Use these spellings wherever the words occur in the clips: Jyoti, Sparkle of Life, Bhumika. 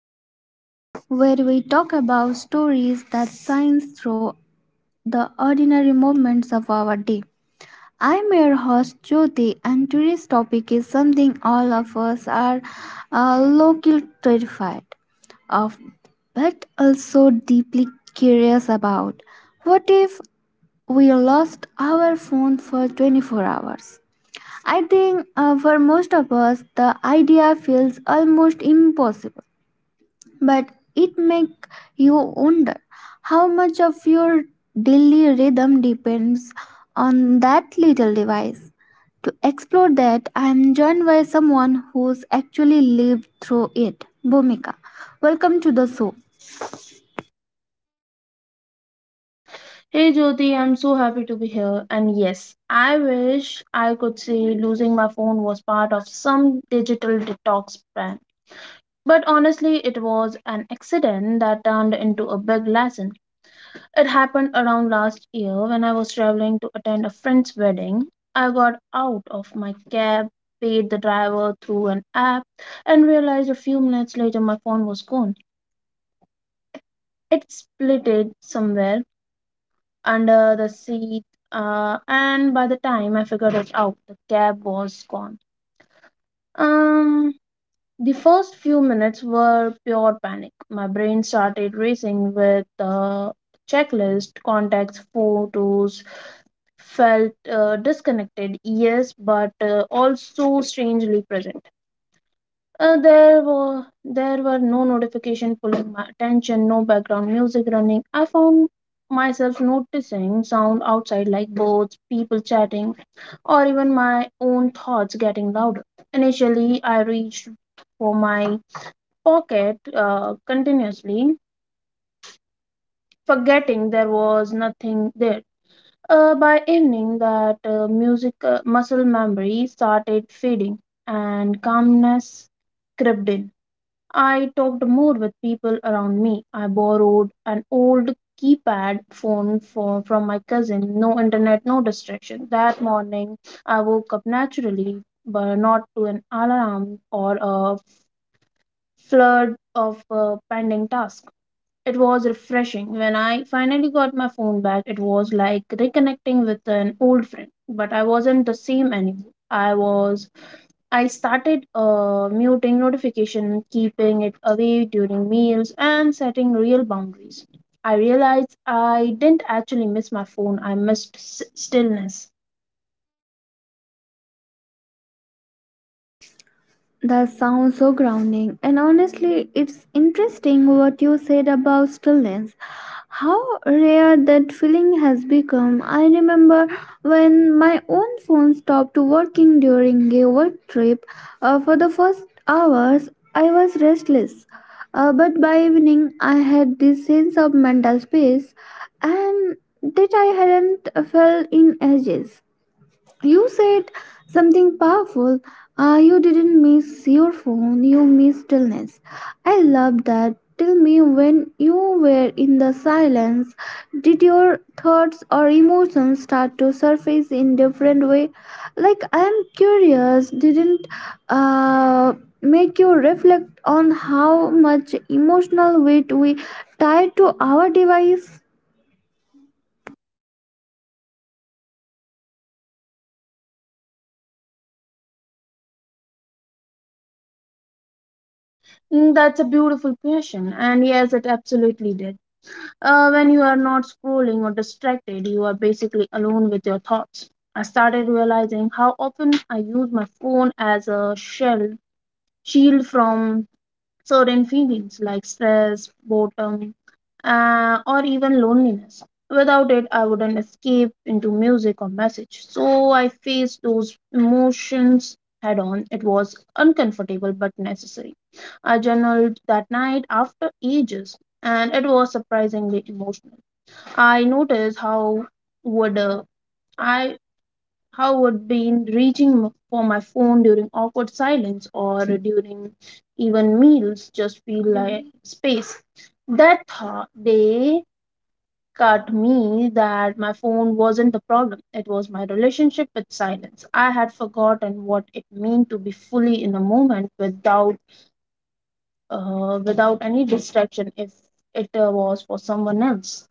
Of Life, where we talk about stories that shine through the ordinary moments of our day. I'm your host Jyoti, and today's topic is something all of us are locally terrified of, but also deeply curious about. What if we lost our phone for 24 hours? I think for most of us, the idea feels almost impossible, but it make you wonder how much of your daily rhythm depends on that little device. To explore that, I am joined by someone who's actually lived through it. Bhumika, welcome to the show. Hey Jyoti, I'm so happy to be here. And yes, I wish I could say losing my phone was part of some digital detox plan. But honestly, it was an accident that turned into a big lesson. It happened around last year when I was traveling to attend a friend's wedding. I got out of my cab, paid the driver through an app, and realized a few minutes later my phone was gone. It split it somewhere under the seat, and by the time I figured it out, the cab was gone. Um, the first few minutes were pure panic. My brain started racing with the checklist, contacts, photos, felt disconnected, yes, but also strangely present. There were no notification pulling my attention, no background music running. I found myself noticing sound outside like birds, people chatting, or even my own thoughts getting louder. Initially, I reached for my pocket continuously, forgetting there was nothing there. By evening, that music muscle memory started fading, and calmness crept in. I talked more with people around me. I borrowed an old keypad phone from my cousin. No internet, no distraction. That morning, I woke up naturally, but not to an alarm or a flood of pending tasks. It was refreshing. When I finally got my phone back, it was like reconnecting with an old friend, but I wasn't the same anymore. I started muting notification, keeping it away during meals, and setting real boundaries. I realized I didn't actually miss my phone. I missed stillness. That sounds so grounding. And honestly, it's interesting what you said about stillness. How rare that feeling has become. I remember when my own phone stopped working during a work trip. For the first hours, I was restless. But by evening, I had this sense of mental space and that I hadn't felt in ages. You said something powerful. You didn't miss your phone, you missed stillness. I love that. Tell me, when you were in the silence, did your thoughts or emotions start to surface in different way? Like, I'm curious, didn't uh, make you reflect on how much emotional weight we tie to our device? Mm, that's a beautiful question, and yes, it absolutely did. When you are not scrolling or distracted, you are basically alone with your thoughts. I started realizing how often I use my phone as a shell shield from certain feelings like stress, boredom, or even loneliness. Without it, I wouldn't escape into music or message. So I faced those emotions head on. It was uncomfortable but necessary. I journaled that night after ages, and it was surprisingly emotional. I noticed would uh, I how would been reaching for my phone during awkward silence or during even meals just feel like space. That thought they cut me that my phone wasn't the problem. It was my relationship with silence. I had forgotten what it meant to be fully in a moment without without any distraction if it was for someone else.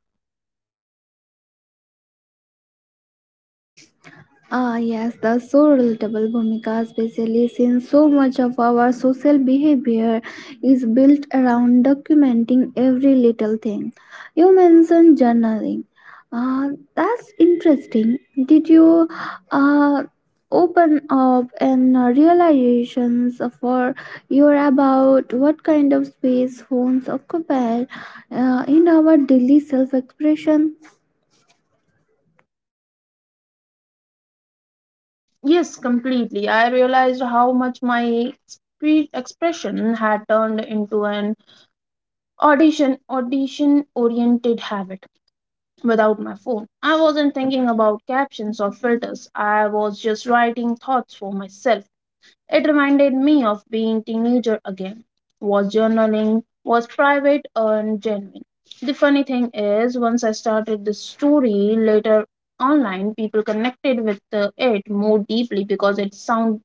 Ah, yes, that's so relatable, Bhumika, especially since so much of our social behavior is built around documenting every little thing. You mentioned journaling. Ah, that's interesting. Did you uh, open up and realizations for your about what kind of space phones occupy in our daily self-expression? Yes, completely. I realized how much my expression had turned into an audition oriented habit without my phone. I wasn't thinking about captions or filters. I was just writing thoughts for myself. It reminded me of being teenager again. Was journaling was private and genuine. The funny thing is once I started this story later online people connected with it more deeply because it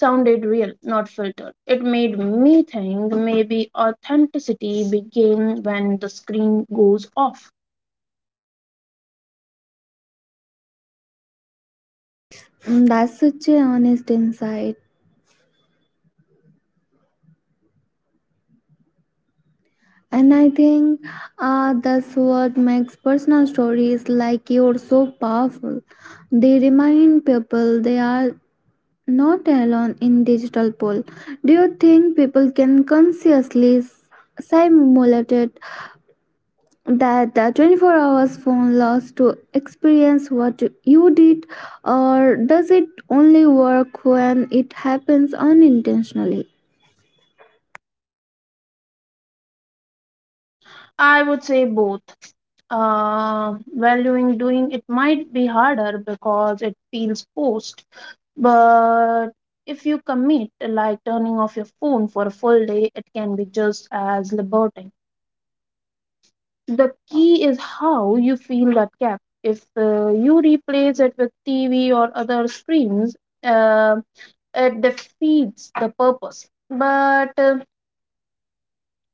sounded real, not filtered. It made me think maybe authenticity begins when the screen goes off. Mm, that's such a honest insight. And I think that's what makes personal stories like yours so powerful. They remind people they are not alone in digital poll. Do you think people can consciously simulate that the 24 hours phone loss to experience what you did, or does it only work when it happens unintentionally I would say both. Valuing doing it might be harder because it feels forced, but if you commit, like turning off your phone for a full day, it can be just as liberating. The key is how you feel that gap. If you replace it with TV or other screens, uh, it defeats the purpose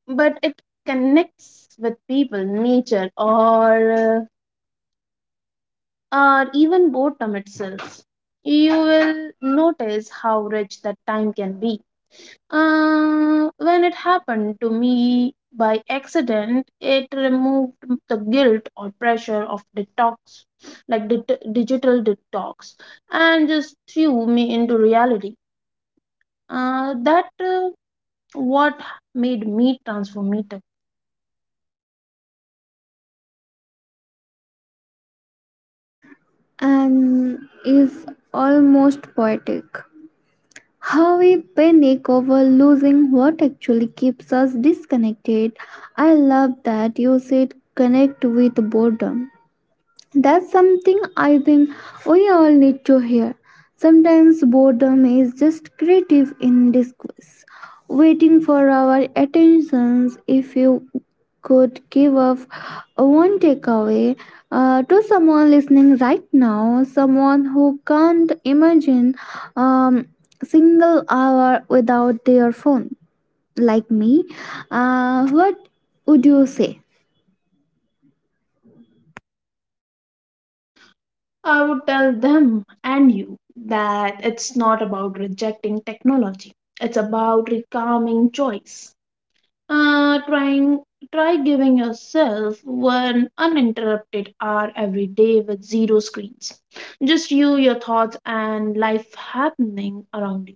but it connects with people nature or even boredom itself you will notice how rich that time can be when it happened to me by accident it removed the guilt or pressure of detox like digital detox and just threw me into reality that what made me transformative? and is almost poetic? How we panic over losing what actually keeps us disconnected. I love that you said connect with boredom. That's something I think we all need to hear. Sometimes boredom is just creative in disguise, waiting for our attentions. If you could give up one takeaway to someone listening right now, someone who can't imagine um, single hour without their phone, like me, what would you say? I would tell them and you that it's not about rejecting technology. It's about reclaiming choice. Uh, trying try giving yourself one uninterrupted hour every day with zero screens. Just you, your thoughts, and life happening around you.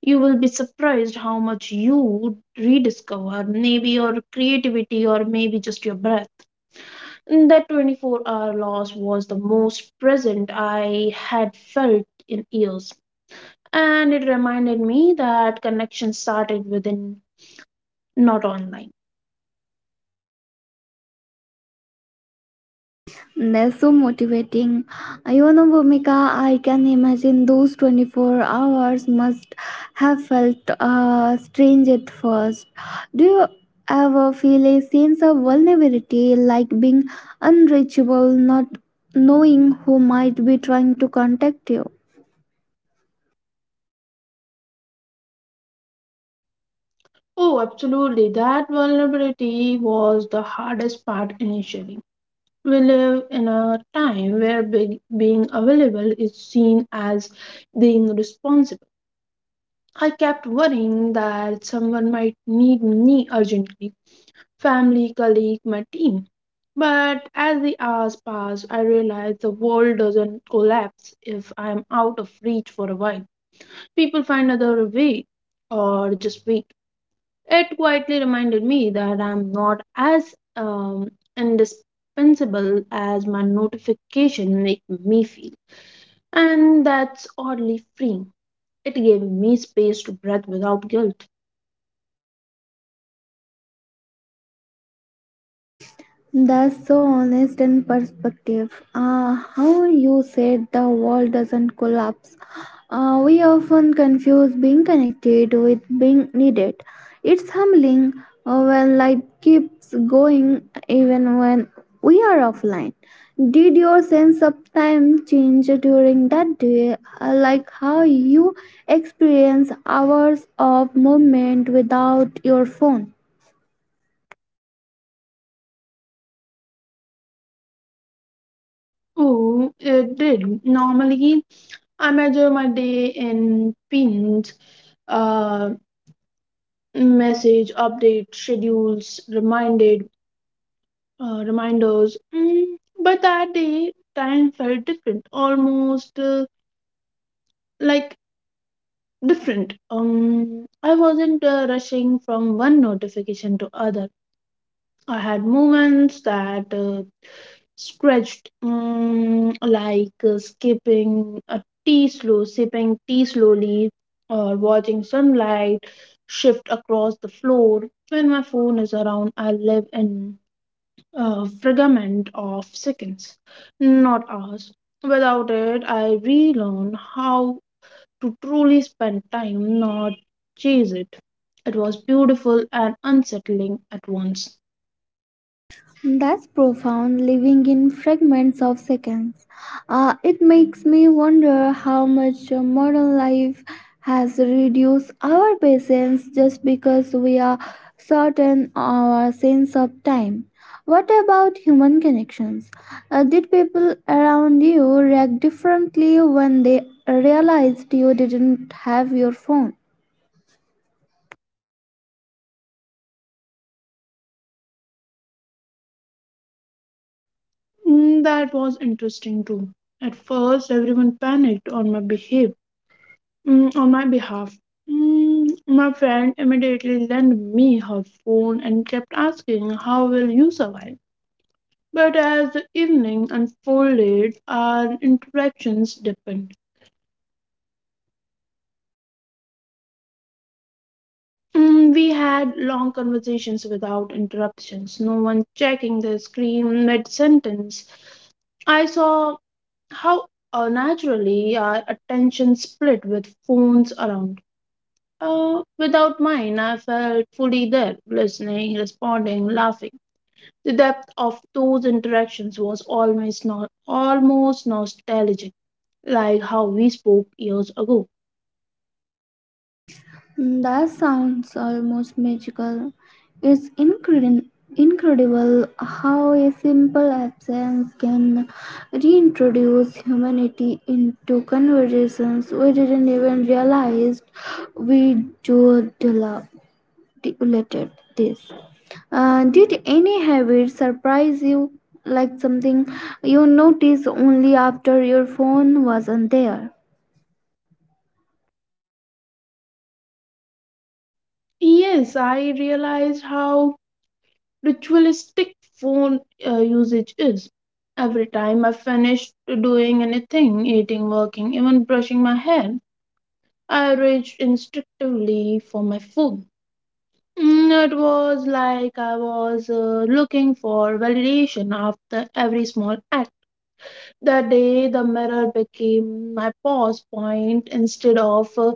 You will be surprised how much you rediscover, maybe your creativity or maybe just your breath. That 24-hour loss was the most present I had felt in years, and it reminded me that connection started within, not online. That's so motivating. You know, Bhumika, I can imagine those 24 hours must have felt strange at first. Do you ever feel a sense of vulnerability, like being unreachable, not knowing who might be trying to contact you? Oh, absolutely. That vulnerability was the hardest part initially. We live in a time where being available is seen as being responsible. I kept worrying that someone might need me urgently family, colleague, my team. But as the hours passed, I realized the world doesn't collapse if I'm out of reach for a while. People find other way or just wait. It quietly reminded me that I'm not as um, indispensable as my notification make me feel. And that's oddly freeing. It gave me space to breathe without guilt. That's so honest and perspective. How you said the world doesn't collapse. We often confuse being connected with being needed. It's humbling when life keeps going even when we are offline. Did your sense of time change during that day? Like, how you experience hours of movement without your phone? Oh, it did. Normally, I measure my day in pins, uh, message, update, schedules, reminded, reminders. Mm, but that day, time felt different, almost like different. I wasn't rushing from one notification to other. I had moments that stretched, like skipping a tea slow, sipping tea slowly, or watching sunlight shift across the floor. When my phone is around, I live in a fragment of seconds, not hours. Without it, I relearn how to truly spend time, not chase it. It was beautiful and unsettling at once. That's profound, living in fragments of seconds. It makes me wonder how much modern life has reduced our patience just because we are certain our sense of time. What about human connections? Did people around you react differently when they realized you didn't have your phone? Mm, that was interesting too. At first, everyone panicked on my on my behalf. Mm, my friend immediately lent me her phone and kept asking, "How will you survive?" But as the evening unfolded, our interactions deepened. Mm, we had long conversations without interruptions. No one checking their screen mid sentence. I saw how naturally our attention split with phones around. Without mine, I felt fully there, listening, responding, laughing. The depth of those interactions was almost not almost nostalgic, like how we spoke years ago. Mm, that sounds almost magical. It's incredible how a simple absence can reintroduce humanity into conversations we didn't even realize we dulated this. Did any habit surprise you, like something you noticed only after your phone wasn't there? Yes, I realized how ritualistic phone usage is. Every time I finished doing anything, eating, working, even brushing my hair, I reached instinctively for my phone. Mm, it was like I was looking for validation after every small act. That day, the mirror became my pause point instead of uh,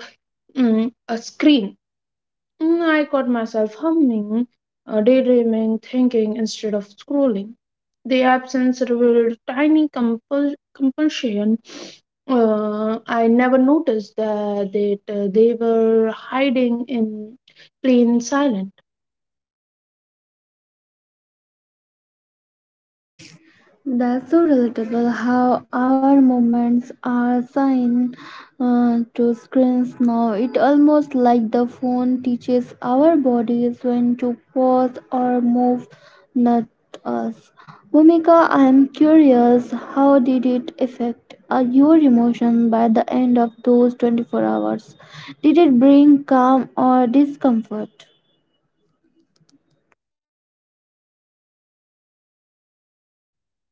mm, a screen. Mm, I caught myself humming, daydreaming, thinking instead of scrolling. The absence revealed tiny compulsion. I never noticed that they were hiding in plain silence. That's so relatable how our moments are assigned to screens now. It almost like the phone teaches our bodies when to pause or move, not us. Bhumika, I am curious, how did it affect your emotion by the end of those 24 hours? Did it bring calm or discomfort?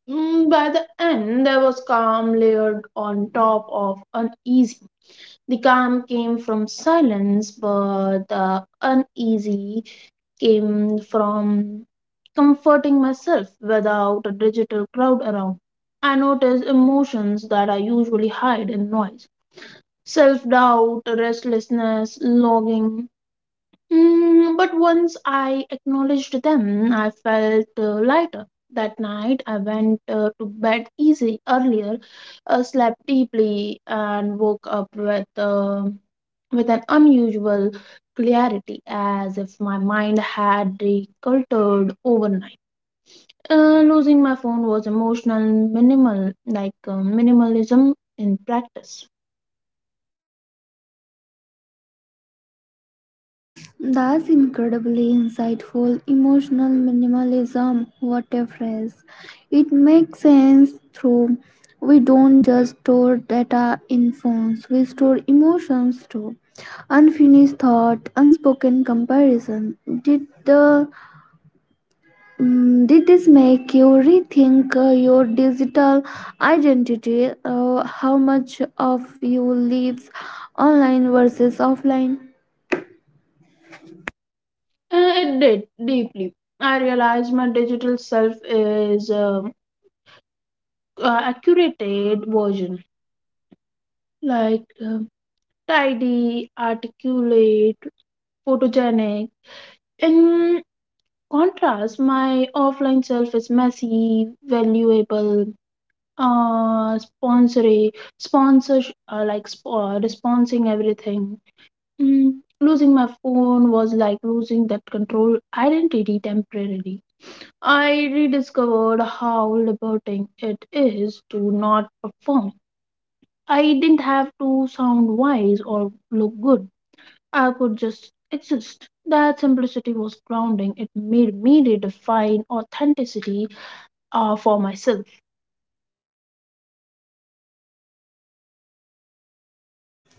Mm, by the end, there was calm layered on top of uneasy. The calm came from silence, but the uneasy came from comforting myself without a digital crowd around. I noticed emotions that I usually hide in noise self doubt, restlessness, longing. Mm, but once I acknowledged them, I felt lighter. That night, I went to bed easy earlier, slept deeply, and woke up with. With an unusual clarity, as if my mind had recultured overnight. Losing my phone was emotional minimal, like minimalism in practice. That's incredibly insightful. Emotional minimalism, what a phrase. It makes sense through we don't just store data in phones, we store emotions too. Unfinished thought, unspoken comparison. Did the did this make you rethink your digital identity? How much of you lives online versus offline? It did deeply. I realized my digital self is a curated version, like tidy, articulate, photogenic. In contrast, my offline self is messy, valuable, Uh, sponsoring, sponsors, responsing everything. Mm, losing my phone was like losing that control identity temporarily. I rediscovered how liberating it is to not perform. I didn't have to sound wise or look good. I could just exist. That simplicity was grounding. It made me redefine authenticity for myself.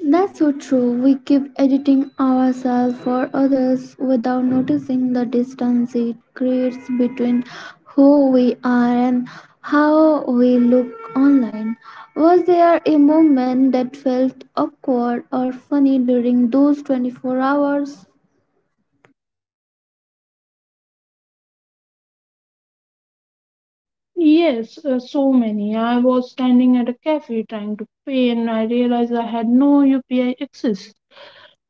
That's so true. We keep editing ourselves for others without noticing the distance it creates between who we are and how we look online. Was there a moment that felt awkward or funny during those 24 hours? Yes, so many. I was standing at a cafe trying to pay and I realized I had no UPI access.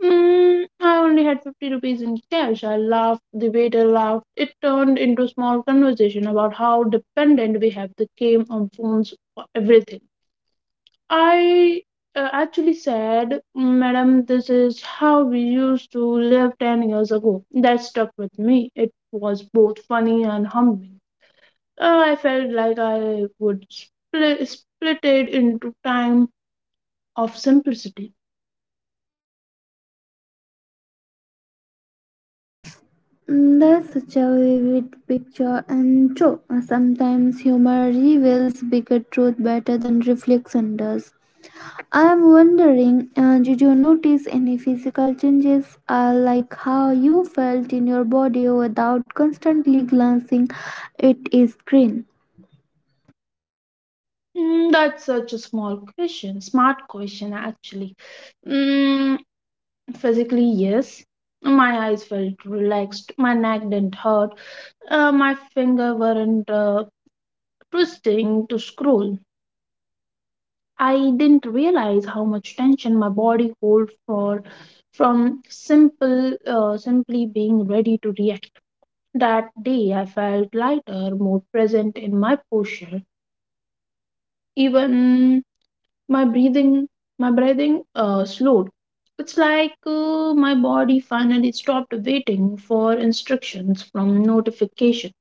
Mm, I only had 50 rupees in cash. I laughed, the waiter laughed. It turned into a small conversation about how dependent we have the game on phones for everything. I actually said, Madam, this is how we used to live 10 years ago. That stuck with me. It was both funny and humbling. I felt like I would split it into time of simplicity. Mm, that's such a vivid picture and true. Sometimes humor reveals bigger truth better than reflection does. I'm wondering, did you notice any physical changes, like how you felt in your body without constantly glancing at a screen? Mm, that's such a smart question actually. Mm, physically, yes. My eyes felt relaxed, my neck didn't hurt, my finger weren't twisting to scroll. I didn't realize how much tension my body hold for from simple, simply being ready to react. That day I felt lighter, more present in my posture. Even my breathing, my breathing slowed. It's like my body finally stopped waiting for instructions from notification.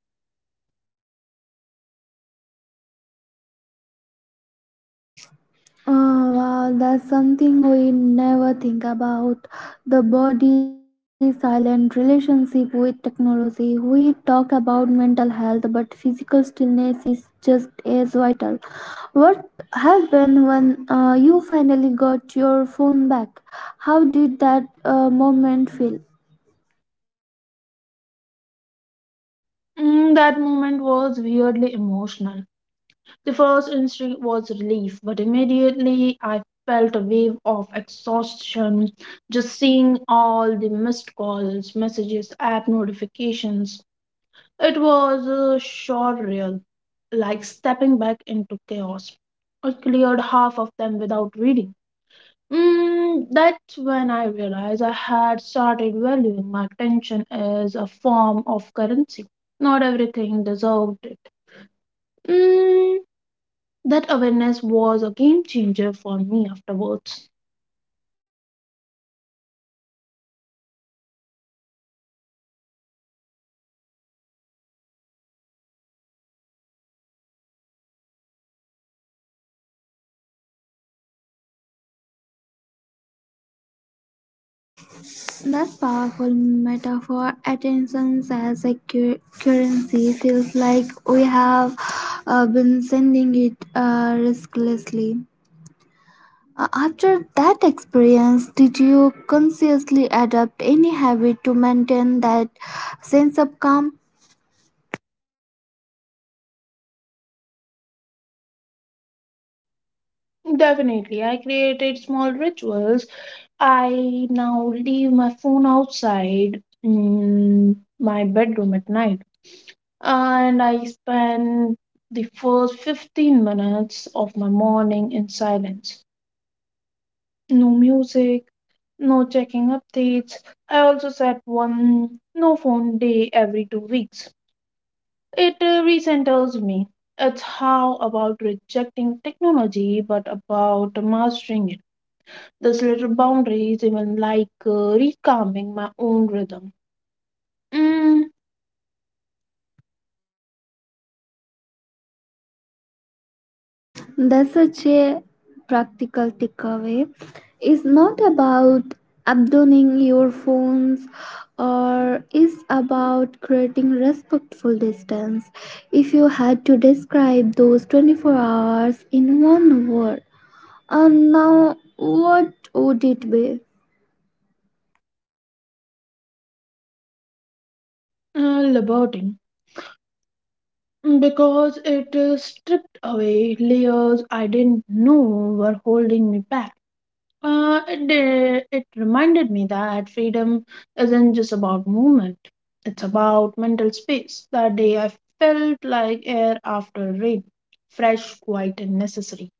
Oh wow, that's something we never think about. The body silent relationship with technology. We talk about mental health, but physical stillness is just as vital. What happened when you finally got your phone back? How did that moment feel? Mm, that moment was weirdly emotional. The first instinct was relief, but immediately I felt a wave of exhaustion just seeing all the missed calls, messages, app notifications. It was a surreal, like stepping back into chaos. I cleared half of them without reading. Mm, that's when I realized I had started valuing my attention as a form of currency. Not everything deserved it. Mm, that awareness was a game changer for me afterwards. That powerful metaphor, attention as a currency, feels like we have been sending it restlessly. After that experience, did you consciously adopt any habit to maintain that sense of calm? Definitely, I created small rituals. I now leave my phone outside my bedroom at night and I spend the first 15 minutes of my morning in silence. No music, no checking updates. I also set one no phone day every 2 weeks. It recenters me. It's how about rejecting technology but about mastering it. This little boundary is even like recalming my own rhythm. Mm, That's such a practical takeaway. It's not about abandoning your phones, or it's about creating respectful distance. If you had to describe those 24 hours in one word, and now what would it be? uh, liberating. Mm, because it stripped away layers I didn't know were holding me back. Did, it reminded me that freedom isn't just about movement, it's about mental space. That day I felt like air after rain, fresh, quiet, and necessary.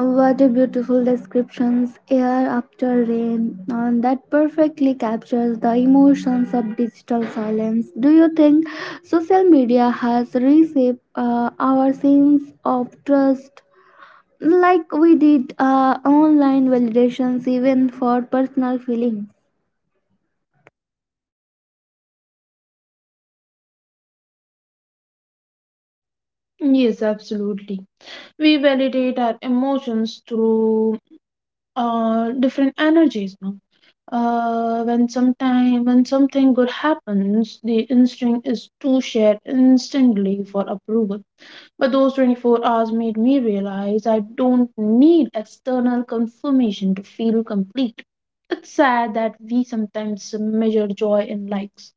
What a beautiful descriptions air after rain, and that perfectly captures the emotions of digital silence. Do you think social media has reshaped our sense of trust, like we did online validations even for personal feelings? Yes, absolutely. We validate our emotions through different energies. No? When something good happens, the instinct is to share instantly for approval. But those 24 hours made me realize I don't need external confirmation to feel complete. It's sad that we sometimes measure joy in likes.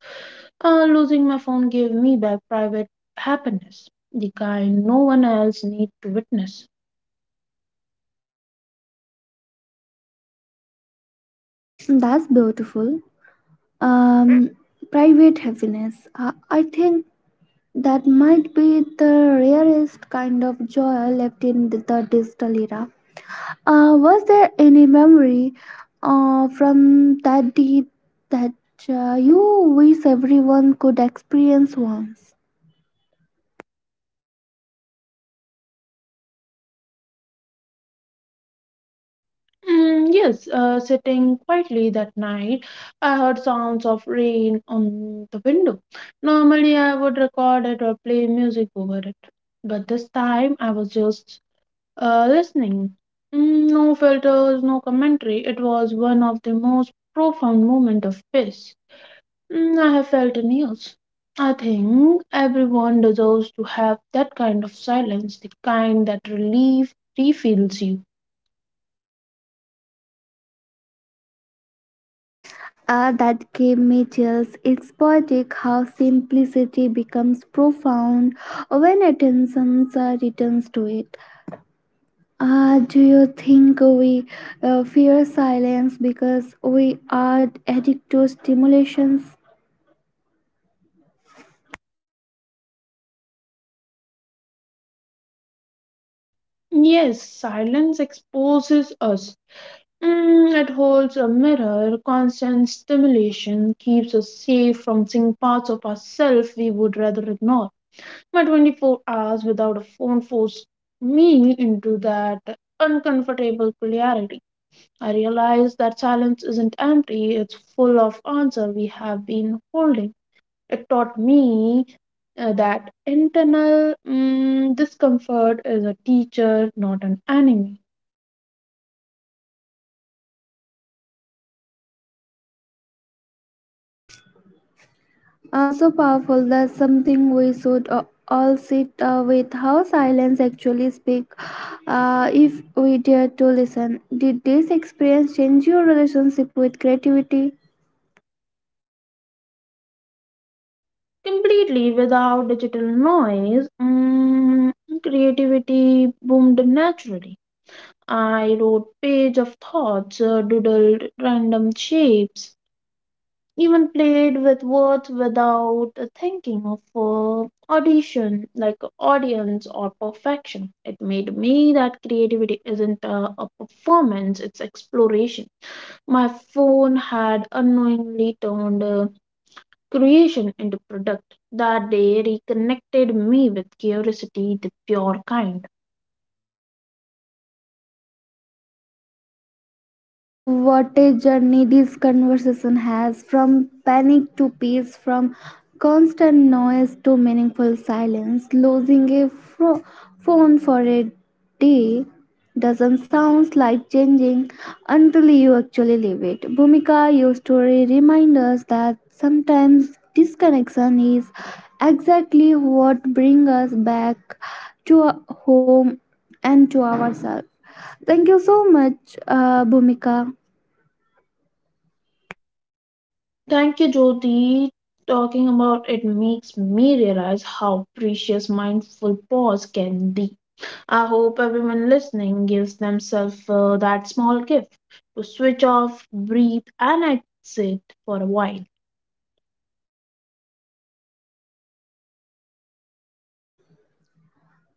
Losing my phone gave me back private happiness, the kind no one else need to witness. That's beautiful. Um, private happiness. I think that might be the rarest kind of joy left in the digital era. Was there any memory from that day that you wish everyone could experience once? Mm, yes, sitting quietly that night, I heard sounds of rain on the window. Normally, I would record it or play music over it, but this time I was just listening. Mm, no filters, no commentary. It was one of the most profound moments of peace I have felt in years. I think everyone deserves to have that kind of silence, the kind that relief refills you. That gave me chills. It's poetic how simplicity becomes profound when attention returns to it. Do you think we fear silence because we are addicted to stimulations? Yes, silence exposes us. Mm, it holds a mirror. Constant stimulation keeps us safe from seeing parts of ourselves we would rather ignore. My 24 hours without a phone forced me into that uncomfortable clarity. I realized that silence isn't empty, it's full of answer we have been holding. It taught me that internal discomfort is a teacher, not an enemy. So powerful. That's something we should all sit with. How silence actually speak, if we dare to listen. Did this experience change your relationship with creativity? Completely without digital noise, creativity boomed naturally. I wrote page of thoughts, doodled random shapes, even played with words without thinking of audition, like audience or perfection. It made me that creativity isn't a performance; it's exploration. My phone had unknowingly turned. Creation into product. That day reconnected me with curiosity, the pure kind. Oh, what a journey this conversation has, from panic to peace, from constant noise to meaningful silence. Losing a phone for a day doesn't sound life changing until you actually live it. Bhumika, your story reminds us that sometimes disconnection is exactly what brings us back to our home and to ourselves. Thank you so much, Bhumika. Thank you, Jyoti. Talking about it makes me realize how precious mindful pause can be. I hope everyone listening gives themselves that small gift to switch off, breathe, and exit for a while.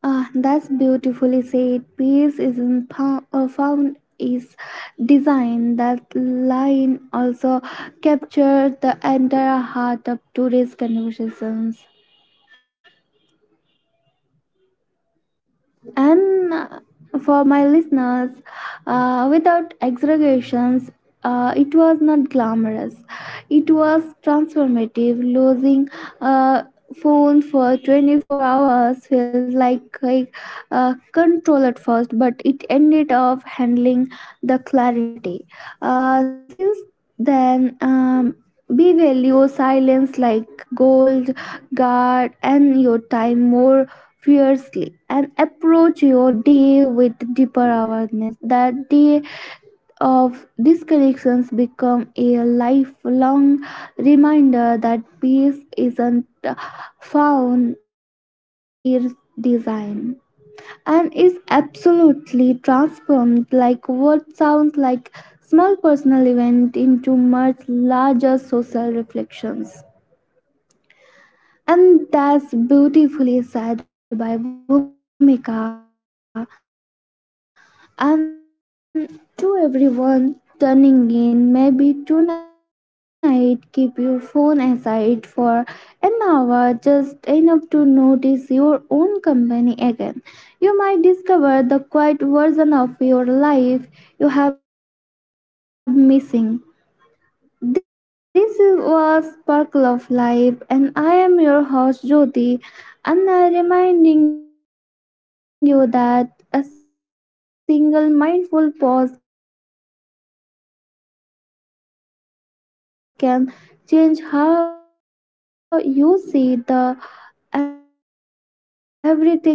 Ah, that's beautifully said. Peace isn't found is design. That line also captured the entire heart of today's conversations. And for my listeners, without exaggerations, it was not glamorous. It was transformative. Losing a phone for 24 hours felt like a, control at first, but it ended up handling the clarity. Since then, we value silence like gold, guard, and your time more fiercely, and approach your day with deeper awareness. That day of disconnections become a lifelong reminder that peace isn't found in design, and is absolutely transformed like what sounds like small personal event into much larger social reflections. And that's beautifully said by Bhumika. And to everyone turning in, maybe tonight keep your phone aside for an hour, just enough to notice your own company again. You might discover the quiet version of your life you have missing. This was Sparkle of Life, and I am your host Jyoti, and I am reminding you that a single mindful pause can change how you see the everything around you. Join us for next week as we explore another simple moment that hides extraordinary meaning. Until then, keep your spark alive. Cherish.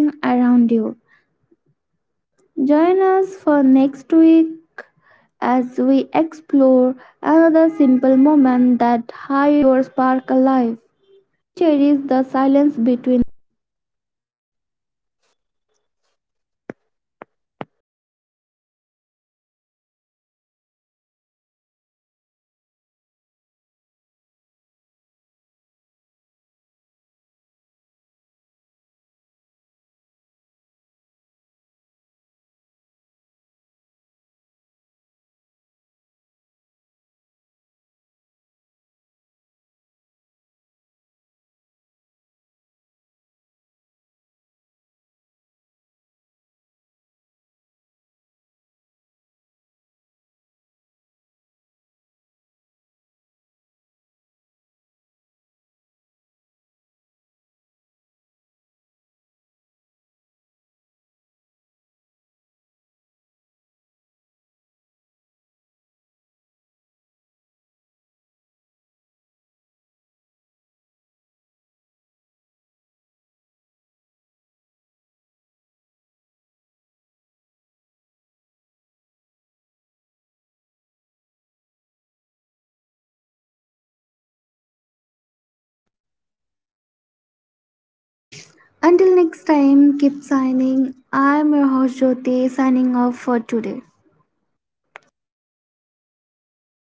Until next time, keep signing. I'm your host Jyoti, signing off for today.